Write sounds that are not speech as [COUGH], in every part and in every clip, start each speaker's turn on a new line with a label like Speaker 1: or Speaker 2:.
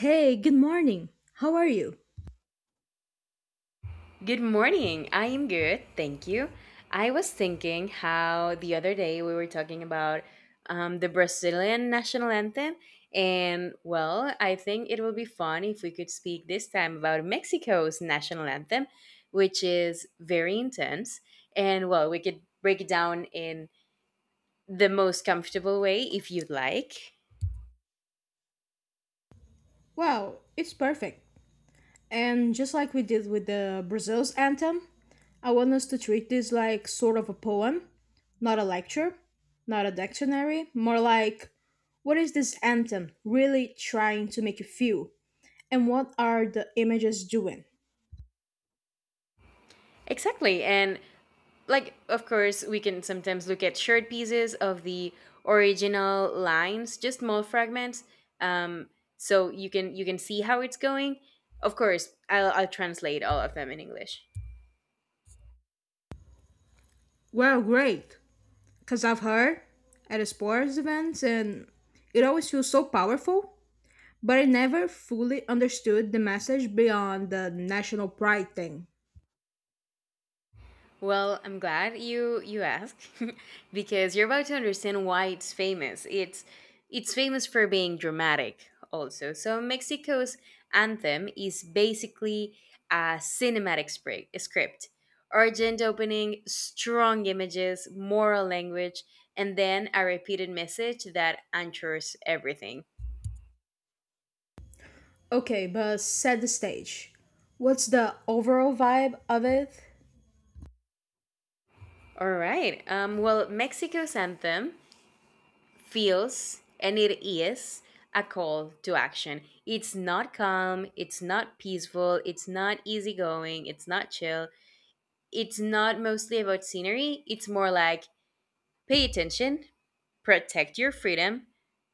Speaker 1: Hey, good morning. How are you?
Speaker 2: Good morning. I am good. Thank you. I was thinking how the other day we were talking about the Brazilian national anthem. And well, I think it will be fun if we could speak this time about Mexico's national anthem, which is very intense. And well, we could break it down in the most comfortable way if you'd like.
Speaker 1: Wow, it's perfect. And just like we did with the Brazil's anthem, I want us to treat this like sort of a poem, not a lecture, not a dictionary, more like what is this anthem really trying to make you feel? And what are the images doing?
Speaker 2: Exactly. And like of course we can sometimes look at short pieces of the original lines, just small fragments, um so you can see how it's going. Of course I'll translate all of them in English.
Speaker 1: Well, great, because I've heard at the sports events and it always feels so powerful. But I never fully understood the message beyond the national pride thing.
Speaker 2: Well, I'm glad you asked [LAUGHS] because you're about to understand why it's famous. It's famous for being dramatic also. So Mexico's anthem is basically a cinematic script. Urgent opening, strong images, moral language, and then a repeated message that anchors everything.
Speaker 1: Okay, but set the stage. What's the overall vibe of it?
Speaker 2: All right. Well, Mexico's anthem feels, and it is, a call to action. It's not calm, it's not peaceful, it's not easygoing, it's not chill. It's not mostly about scenery, it's more like pay attention, protect your freedom,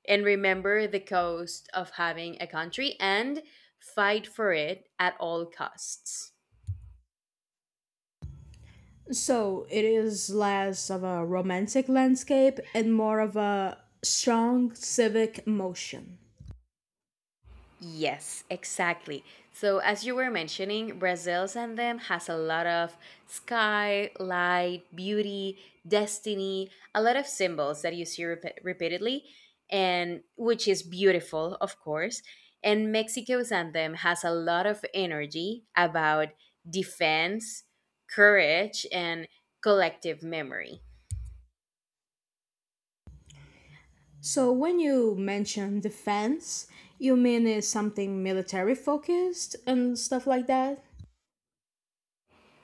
Speaker 2: and remember the cost of having a country and fight for it at all costs.
Speaker 1: So, it is less of a romantic landscape and more of a strong civic motion.
Speaker 2: Yes, exactly. So as you were mentioning, Brazil and them has a lot of sky, light, beauty, destiny, a lot of symbols that you see repeatedly, and which is beautiful, of course. And Mexico's anthem has a lot of energy about defense, courage, and collective memory.
Speaker 1: So, when you mention defense, you mean it's something military focused and stuff like that?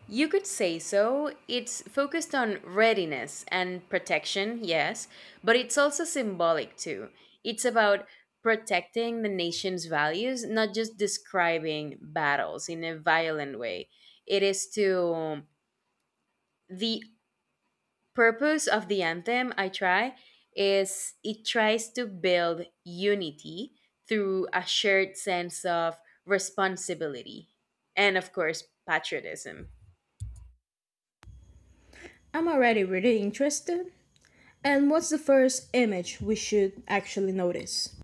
Speaker 2: You could say so. It's focused on readiness and protection, yes, but it's also symbolic too. It's about protecting the nation's values, not just describing battles in a violent way. It is to the purpose of the anthem, I try, is it tries to build unity through a shared sense of responsibility and, of course, patriotism.
Speaker 1: I'm already really interested. And what's the first image we should actually notice?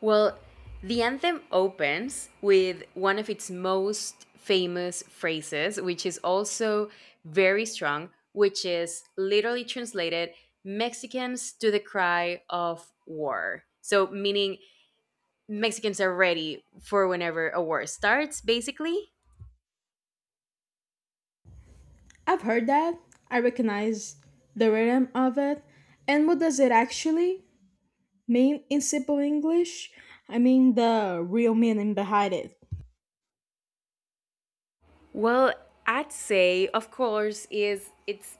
Speaker 2: Well, the anthem opens with one of its most famous phrases, which is also very strong, which is literally translated Mexicans to the cry of war. So, meaning Mexicans are ready for whenever a war starts, basically.
Speaker 1: I've heard that. I recognize the rhythm of it. And what does it actually mean in simple English? I mean, the real meaning behind it.
Speaker 2: Well, I'd say, of course, is it's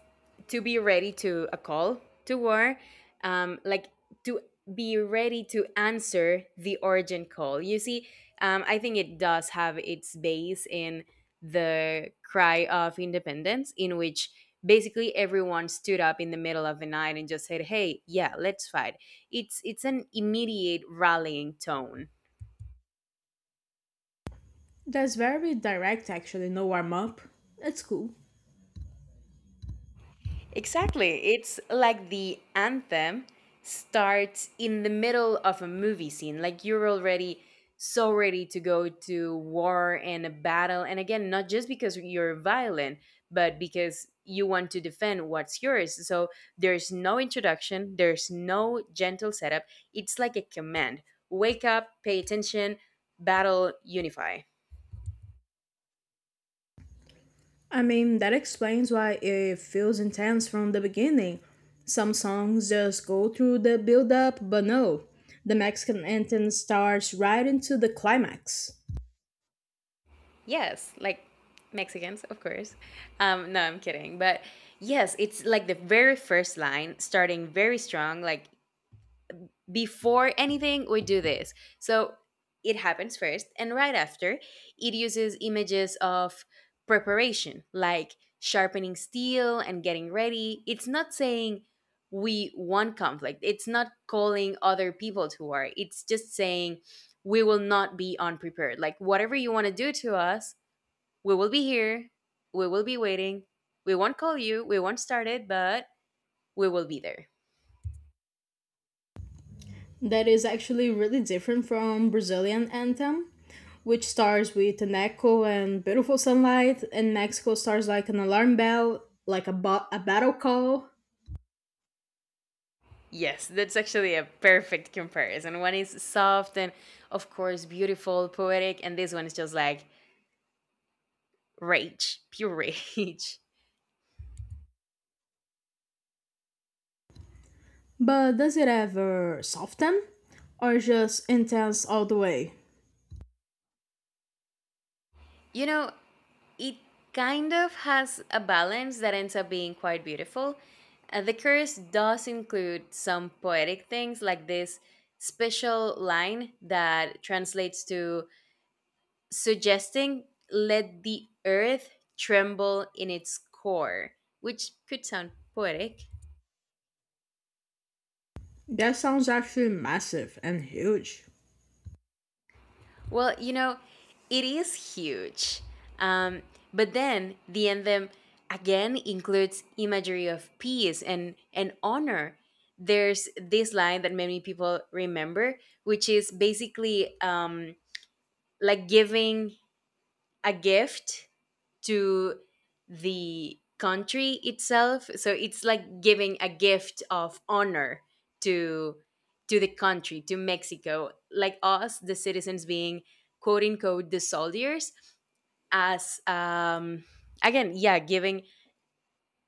Speaker 2: to be ready to a call to war, like to be ready to answer the urgent call. You see, I think it does have its base in the cry of independence, in which basically everyone stood up in the middle of the night and just said, "Hey, yeah, let's fight." It's an immediate rallying tone.
Speaker 1: That's very direct, actually, no warm up. That's cool.
Speaker 2: Exactly. It's like the anthem starts in the middle of a movie scene. Like you're already so ready to go to war and a battle. And again, not just because you're violent, but because you want to defend what's yours. So there's no introduction, there's no gentle setup. It's like a command: wake up, pay attention, battle, unify.
Speaker 1: I mean, that explains why it feels intense from the beginning. Some songs just go through the build up, but no. The Mexican anthem starts right into the climax.
Speaker 2: Yes, like Mexicans, of course. No, I'm kidding. But yes, it's like the very first line, starting very strong, like before anything, we do this. So it happens first. And right after, it uses images of preparation, like sharpening steel and getting ready. It's not saying we want conflict, it's not calling other people to war. It's just saying we will not be unprepared. Like, whatever you want to do to us, we will be here. We will be waiting. We won't call you. We won't start it, but we will be there.
Speaker 1: That is actually really different from Brazilian anthem, which starts with an echo and beautiful sunlight, and Mexico starts like an alarm bell, like a battle call.
Speaker 2: Yes, that's actually a perfect comparison. One is soft and, of course, beautiful, poetic, and this one is just like rage, pure rage. [LAUGHS]
Speaker 1: But does it ever soften or just intense all the way?
Speaker 2: You know, it kind of has a balance that ends up being quite beautiful. The curse does include some poetic things like this special line that translates to suggesting let the earth tremble in its core, which could sound poetic.
Speaker 1: That sounds actually massive and huge.
Speaker 2: Well, you know, it is huge. Um, but then the anthem again includes imagery of peace and, honor. There's this line that many people remember, which is basically like giving a gift to the country itself. So it's like giving a gift of honor to the country, to Mexico, like us, the citizens, being quote unquote the soldiers, as again, yeah, giving,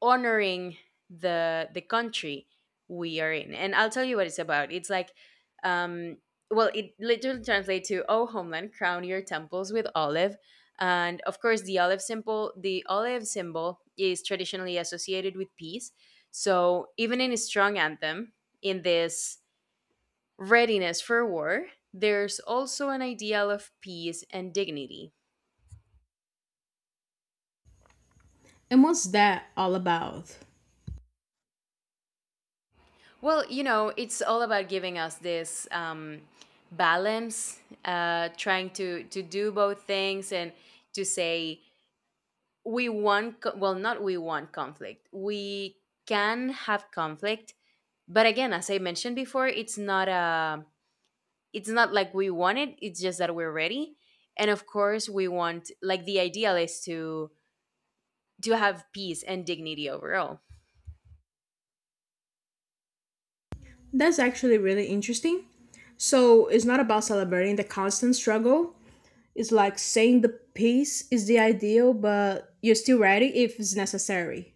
Speaker 2: honoring the country we are in. And I'll tell you what it's about. It's like, um well, it literally translates to oh homeland, crown your temples with olive. And of course the olive symbol, the olive symbol is traditionally associated with peace. So even in a strong anthem, in this readiness for war, there's also an ideal of peace and dignity.
Speaker 1: And what's that all about?
Speaker 2: Well, you know, it's all about giving us this, balance, trying to do both things and to say we want well, not we want conflict. We can have conflict, but again, as I mentioned before, it's not a, it's not like we want it. It's just that we're ready, and of course, we want, like, the ideal is to have peace and dignity overall.
Speaker 1: That's actually really interesting. So it's not about celebrating the constant struggle. It's like saying the peace is the ideal, but you're still ready if it's necessary.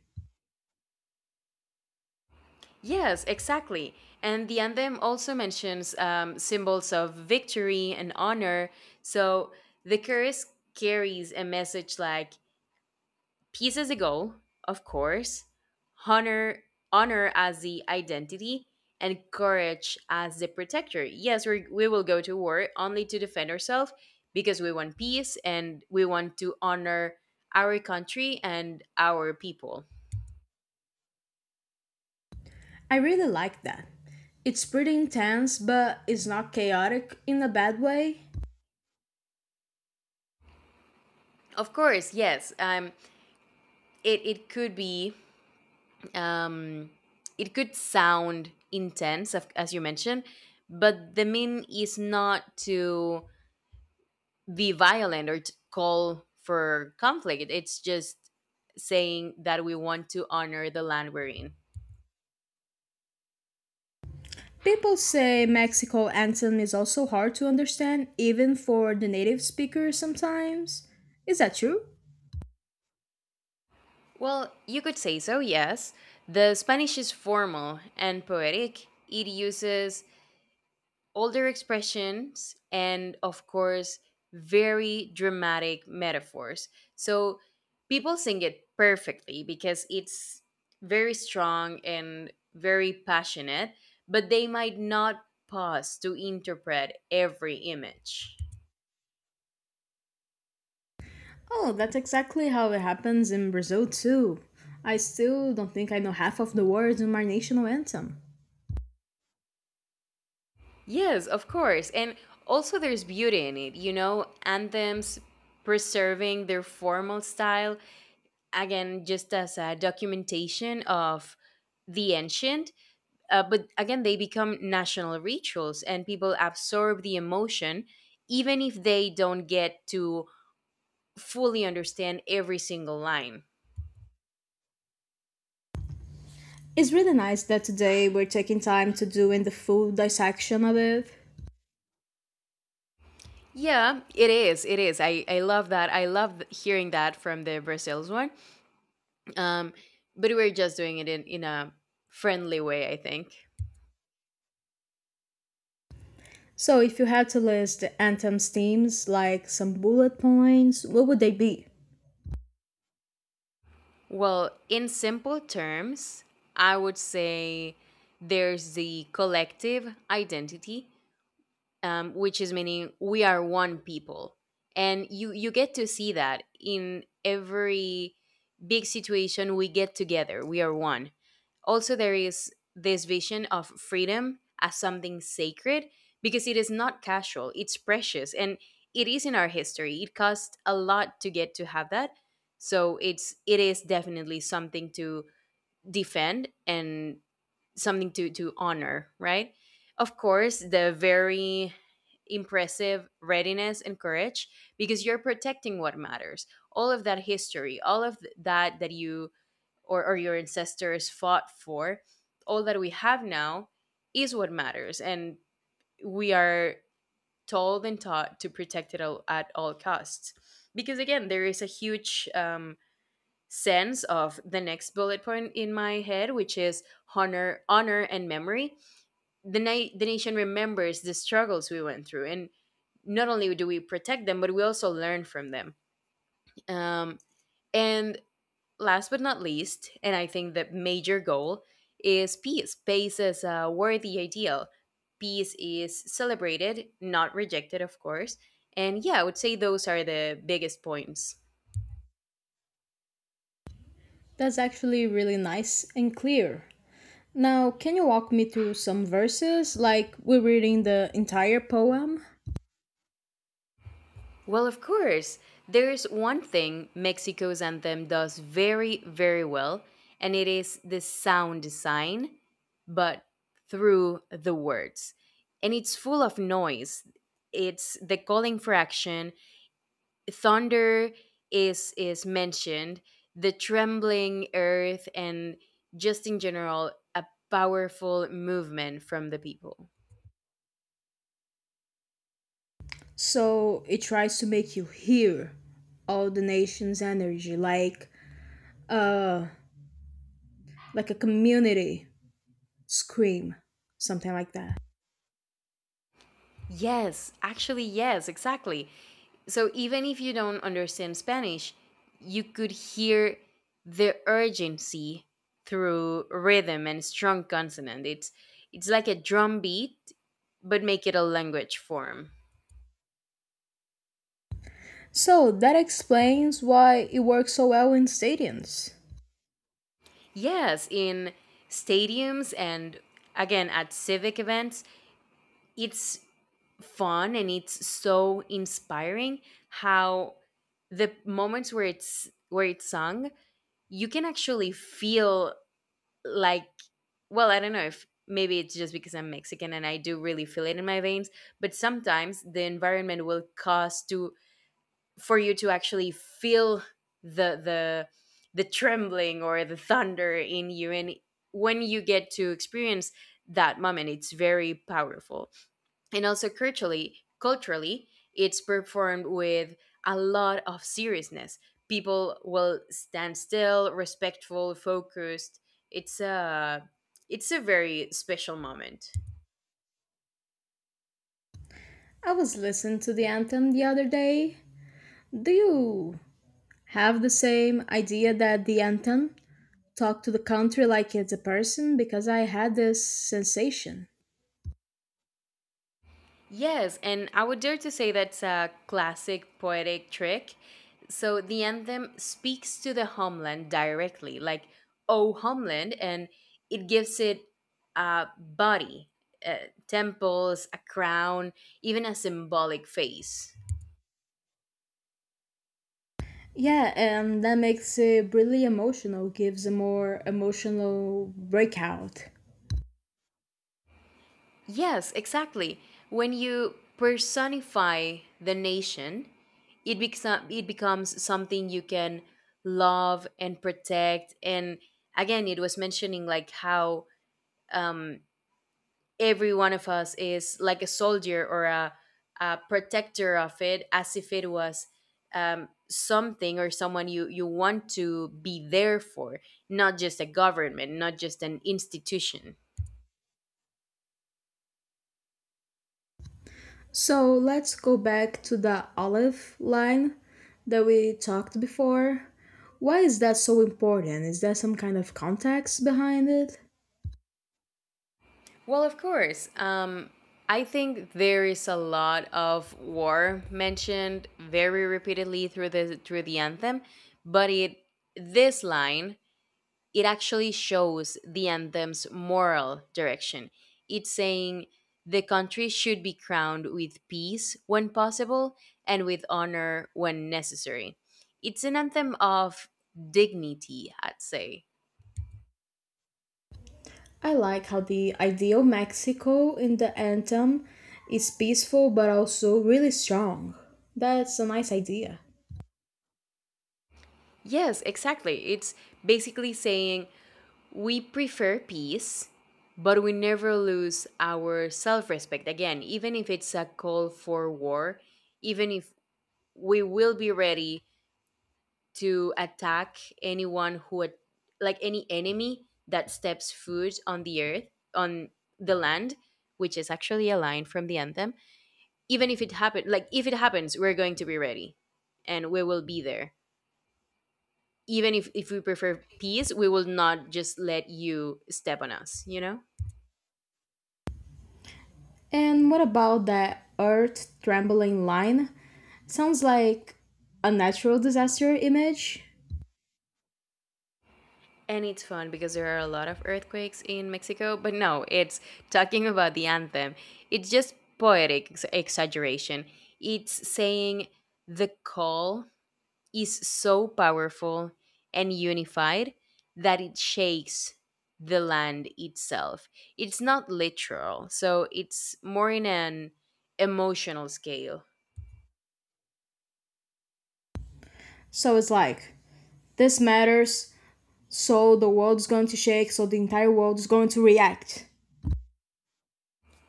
Speaker 2: Yes, exactly. And the anthem also mentions symbols of victory and honor. So the chorus carries a message like peace as a goal, of course, honor, as the identity, and courage as the protector. Yes, we will go to war only to defend ourselves because we want peace and we want to honor our country and our people.
Speaker 1: I really like that. It's pretty intense, but it's not chaotic in a bad way.
Speaker 2: Of course, yes. It could be, um, it could sound intense, as you mentioned, but the mean is not to be violent or to call for conflict. It's just saying that we want to honor the land we're in.
Speaker 1: People say Mexico anthem is also hard to understand, even for the native speakers sometimes. Is that true?
Speaker 2: Well, you could say so, yes. The Spanish is formal and poetic. It uses older expressions and of course very dramatic metaphors, so people sing it perfectly because it's very strong and very passionate, but they might not pause to interpret every image.
Speaker 1: Oh, that's exactly how it happens in Brazil too. I still don't think I know half of the words in my national anthem.
Speaker 2: Yes, of course. And also there's beauty in it. You know, anthems preserving their formal style, again just as a documentation of the ancient. But again, they become national rituals and people absorb the emotion, even if they don't get to fully understand every single line.
Speaker 1: It's really nice that today we're taking time to doing the full dissection of it.
Speaker 2: Yeah, it is. It is. I love that. I love hearing that from the Brazils one. Um, but we're just doing it in a friendly way, I think.
Speaker 1: So, if you had to list the anthem's themes like some bullet points, what would they be?
Speaker 2: Well, in simple terms, I would say there's the collective identity, which is meaning we are one people, and you get to see that in every big situation. We get together, we are one. Also, there is this vision of freedom as something sacred, because it is not casual, it's precious, and it is in our history. It cost a lot to get to have that. So it's, it is definitely something to defend, and something to honor, right? Of course, the very impressive readiness and courage, because you're protecting what matters. All of that history, all of that you or, your ancestors fought for, all that we have now is what matters. And we are told and taught to protect it all, at all costs. Because again, there is a huge, sense of the next bullet point in my head, which is honor, honor and memory. The, the nation remembers the struggles we went through, and not only do we protect them, but we also learn from them. um, and last but not least, and I think the major goal is peace. Peace is a worthy ideal, peace is celebrated, not rejected, of course. And yeah, I would say those are the biggest points.
Speaker 1: That's actually really nice and clear. Now, can you walk me through some verses? Like, we're reading the entire poem,
Speaker 2: Well, of course. There's one thing Mexico's anthem does very, very well, and it is the sound design, but through the words. And it's full of noise. It's the calling for action. Thunder is mentioned, the trembling earth, and just in general, a powerful movement from the people.
Speaker 1: so it tries to make you hear all the nation's energy, uh, like a community scream, something like that.
Speaker 2: Yes, actually, yes, exactly. So even if you don't understand Spanish, you could hear the urgency through rhythm and strong consonant. It's like a drum beat, but make it a language form.
Speaker 1: So that explains why it works so well in stadiums.
Speaker 2: Yes, in stadiums and again at civic events, it's fun and it's so inspiring how the moments where it's sung you can actually feel, like, well, I don't know if maybe it's just because I'm Mexican and I do really feel it in my veins, but sometimes the environment will cause to, for you to actually feel the trembling or the thunder in you. And when you get to experience that moment, it's very powerful. And also culturally, it's performed with a lot of seriousness. People will stand still, respectful, focused. It's a it's a very special moment.
Speaker 1: I was listening to the anthem the other day. Do you have the same idea that the anthem talk to the country like it's a person? Because I had this sensation.
Speaker 2: Yes, and I would dare to say that's a classic poetic trick. So the anthem speaks to the homeland directly, like "Oh Homeland," and it gives it a body, temples, a crown, even a symbolic face.
Speaker 1: Yeah, and that makes it really emotional, gives a more emotional breakout.
Speaker 2: Yes, exactly. When you personify the nation, it becomes something you can love and protect. And again, it was mentioning like how um, every one of us is like a soldier or a protector of it as if it was something or someone you want to be there for, not just a government, not just an institution.
Speaker 1: So let's go back to the olive line that we talked before. Why is that so important? Is there some kind of context behind it?
Speaker 2: Well, of course. I think there is a lot of war mentioned very repeatedly through the anthem, but it this line it actually shows the anthem's moral direction. It's saying the country should be crowned with peace when possible and with honor when necessary. It's an anthem of dignity, I'd say.
Speaker 1: I like how the ideal Mexico in the anthem is peaceful but also really strong. That's a nice idea.
Speaker 2: Yes, exactly. It's basically saying we prefer peace, but we never lose our self respect. Again, even if it's a call for war, even if we will be ready to attack anyone who at- like any enemy that steps foot on the earth, on the land, which is actually a line from the anthem. Even if it happen like if it happens, we're going to be ready and we will be there. Even if we prefer peace, we will not just let you step on us, you know?
Speaker 1: And what about that earth trembling line? Sounds like a natural disaster image.
Speaker 2: And it's fun because there are a lot of earthquakes in Mexico, but no, it's talking about the anthem. It's just poetic exaggeration. It's saying the call is so powerful and unified that it shakes the land itself. It's not literal, so it's more in an emotional scale.
Speaker 1: So it's like, this matters so the world is going to shake, so the entire world is going to react.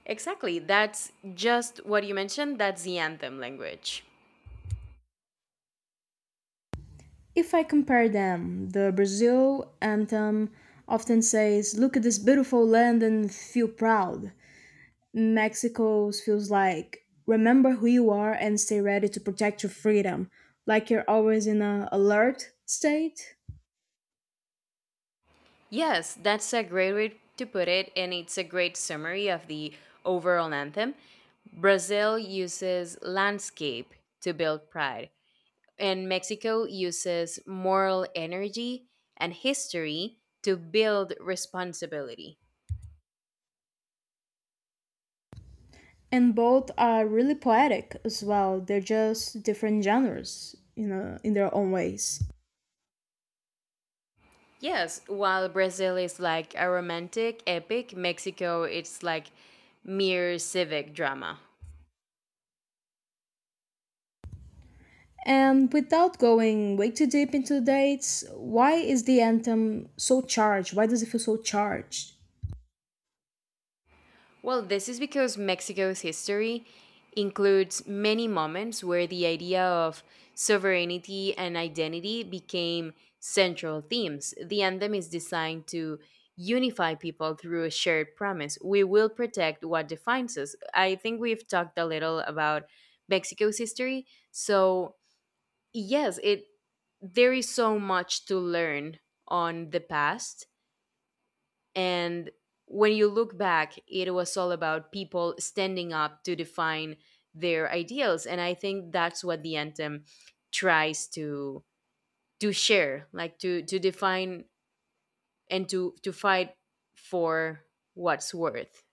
Speaker 2: Exactly, that's just what you mentioned, that's the anthem language.
Speaker 1: If I compare them, the Brazil anthem often says, look at this beautiful land and feel proud. Mexico's feels like, remember who you are and stay ready to protect your freedom, like you're always in an alert state.
Speaker 2: Yes, that's a great way to put it, and it's a great summary of the overall anthem. Brazil uses landscape to build pride, and Mexico uses moral energy and history to build responsibility.
Speaker 1: And both are really poetic as well, they're just different genres, you know, in their own ways.
Speaker 2: Yes, while Brazil is like a romantic epic, Mexico it's like mere civic drama.
Speaker 1: And without going way too deep into dates, why is the anthem so charged? Why does it feel so charged?
Speaker 2: Well, this is because Mexico's history includes many moments where the idea of sovereignty and identity became central themes. The anthem is designed to unify people through a shared promise. We will protect what defines us. I think we've talked a little about Mexico's history. So, yes, it there is so much to learn on the past, and when you look back, it was all about people standing up to define their ideals. And I think that's what the anthem tries to share, like to define and to fight for what's worth.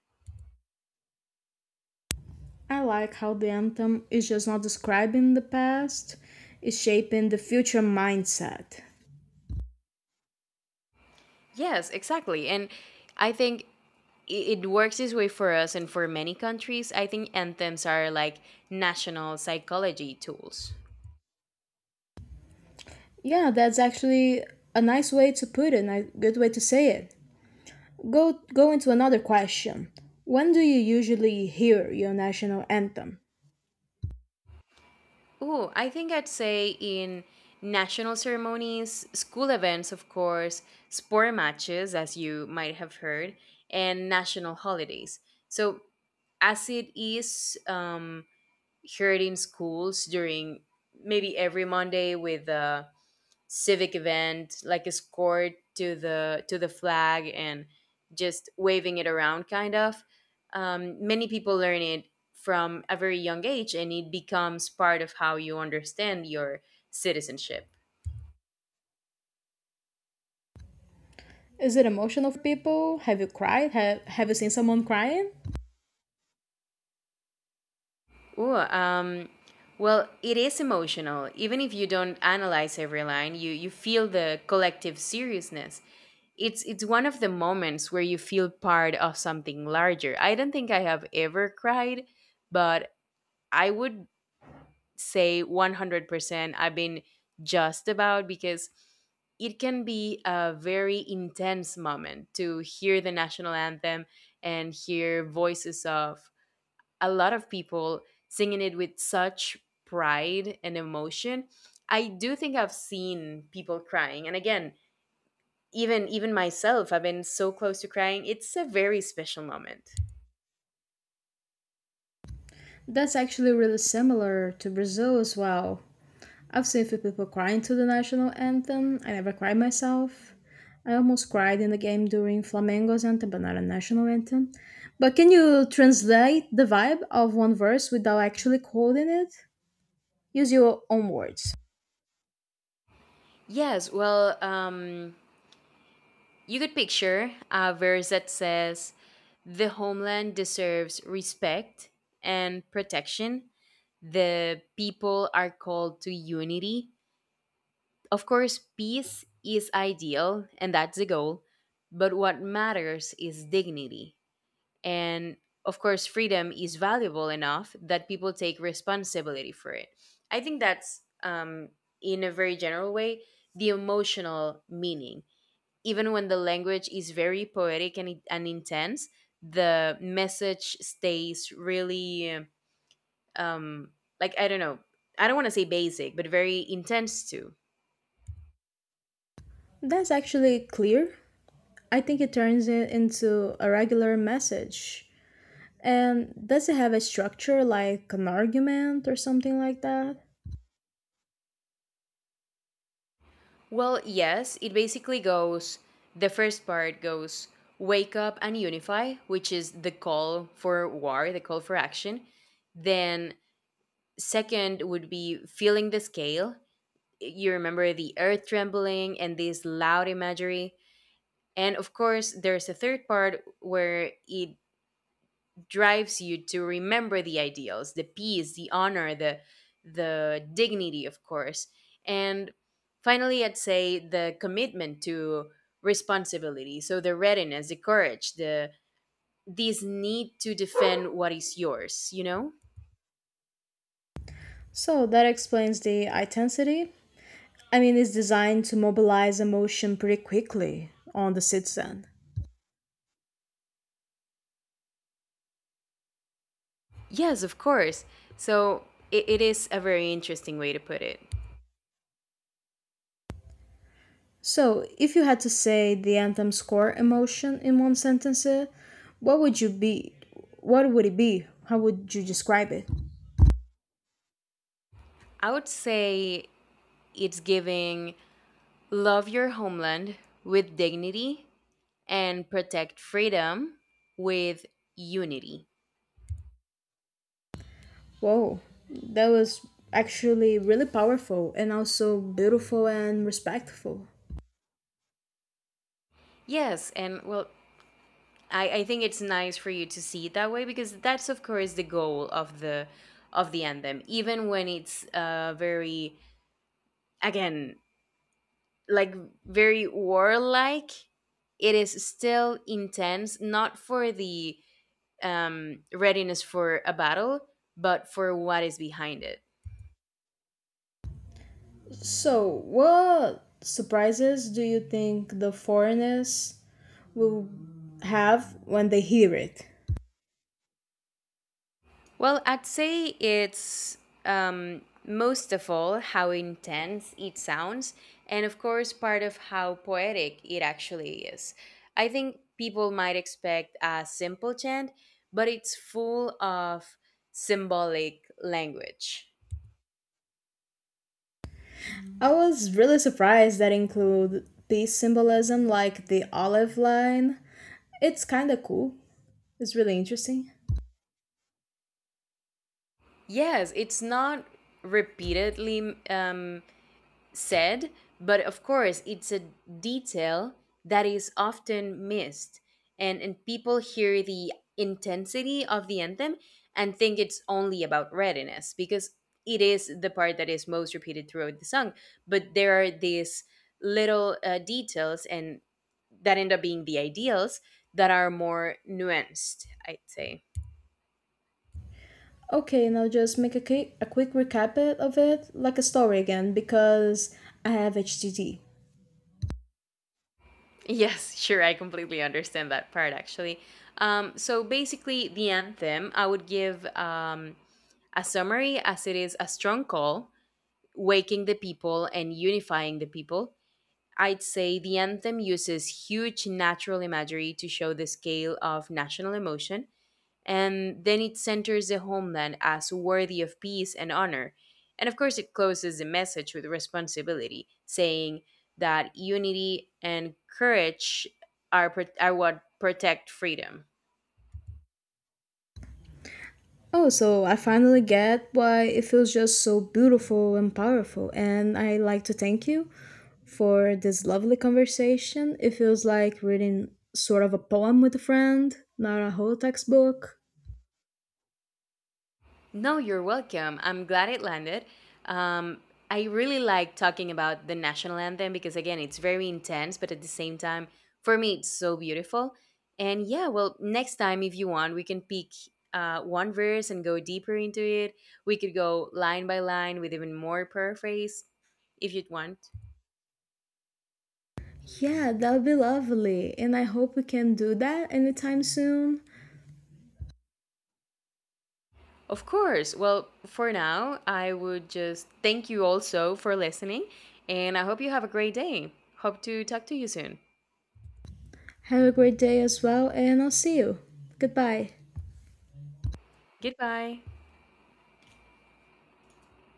Speaker 1: I like how the anthem is just not describing the past, it's shaping the future mindset.
Speaker 2: Yes, exactly. And I think it works this way for us and for many countries. I think anthems are like national psychology tools.
Speaker 1: Yeah, that's actually a nice way to put it, and a good way to say it. Go into another question. When do you usually hear your national anthem?
Speaker 2: Oh, I think I'd say in national ceremonies, school events, of course, sport matches, as you might have heard, and national holidays. So, as it is heard in schools during maybe every Monday with civic event like escort to the flag and just waving it around kind of. Many people learn it from a very young age and it becomes part of how you understand your citizenship.
Speaker 1: Is it emotional for people? Have you cried? Have you seen someone crying?
Speaker 2: Ooh, um, well, it is emotional. Even if you don't analyze every line, you feel the collective seriousness. It's one of the moments where you feel part of something larger. I don't think I have ever cried, but I would say 100% I've been just about, because it can be a very intense moment to hear the national anthem and hear voices of a lot of people singing it with such pride and emotion. I do think I've seen people crying. And again, even myself, I've been so close to crying. It's a very special moment.
Speaker 1: That's actually really similar to Brazil as well. I've seen a few people crying to the national anthem. I never cried myself. I almost cried in the game during Flamengo's anthem, but not a national anthem. But can you translate the vibe of one verse without actually quoting it? Use your own words.
Speaker 2: Yes, well, you could picture a verse that says, the homeland deserves respect and protection. The people are called to unity. Of course, peace is ideal, and that's the goal. But what matters is dignity. And of course, freedom is valuable enough that people take responsibility for it. I think that's, in a very general way, the emotional meaning. Even when the language is very poetic and intense, the message stays really, um I don't know, I don't want to say basic, but very intense too.
Speaker 1: That's actually clear. I think it turns it into a regular message. And does it have a structure like an argument or something like that?
Speaker 2: Well, yes, it basically goes, the first part goes, wake up and unify, which is the call for war, the call for action. Then second would be feeling the scale. You remember the earth trembling and this loud imagery. And of course, there's a third part where it drives you to remember the ideals, the peace, the honor, the dignity, of course. And finally, I'd say the commitment to responsibility. So the readiness, the courage, the this need to defend what is yours, you know?
Speaker 1: So that explains the intensity. I mean, it's designed to mobilize emotion pretty quickly on the citizen.
Speaker 2: Yes, of course. So it is a very interesting way to put it.
Speaker 1: So, if you had to say the anthem's core emotion in one sentence, what would you be? What would it be? How would you describe it?
Speaker 2: I would say it's giving, love your homeland with dignity and protect freedom with unity.
Speaker 1: Whoa, that was actually really powerful and also beautiful and respectful.
Speaker 2: Yes, and well, I think it's nice for you to see it that way because that's of course the goal of the anthem, even when it's very, again, like, very warlike. It is still intense, not for the readiness for a battle, but for what is behind it.
Speaker 1: So, what surprises do you think the foreigners will have when they hear it?
Speaker 2: Well, I'd say it's most of all how intense it sounds, and of course, part of how poetic it actually is. I think people might expect a simple chant, but it's full of symbolic language.
Speaker 1: I was really surprised that include peace symbolism like the olive line. It's kinda cool. It's really interesting.
Speaker 2: Yes, it's not repeatedly said, but of course, it's a detail that is often missed. And people hear the intensity of the anthem and think it's only about readiness because it is the part that is most repeated throughout the song. But there are these little details and that end up being the ideals that are more nuanced, I'd say.
Speaker 1: Okay, now just make a, a quick of it, like a story again, because I have HTT.
Speaker 2: Yes, sure. I completely understand that part actually. So basically, the anthem I would give a summary as it is a strong call, waking the people and unifying the people. I'd say the anthem uses huge natural imagery to show the scale of national emotion, and then it centers the homeland as worthy of peace and honor. And of course, it closes the message with responsibility, saying that unity and courage are what protect freedom.
Speaker 1: Oh, so I finally get why it feels just so beautiful and powerful, and I like to thank you for this lovely conversation. It feels like reading sort of a poem with a friend, not a whole textbook.
Speaker 2: No, you're welcome. I'm glad it landed. Um, I really like talking about the national anthem because, again, it's very intense, but at the same time, for me, it's so beautiful. And yeah, well, next time, if you want, we can pick one verse and go deeper into it. We could go line by line with even more paraphrase if you'd want.
Speaker 1: Yeah, that would be lovely. And I hope we can do that anytime soon.
Speaker 2: Of course. Well, for now, I would just thank you also for listening, and I hope you have a great day. Hope to talk to you soon.
Speaker 1: Have a great day as well, and I'll see you. Goodbye.
Speaker 2: Goodbye.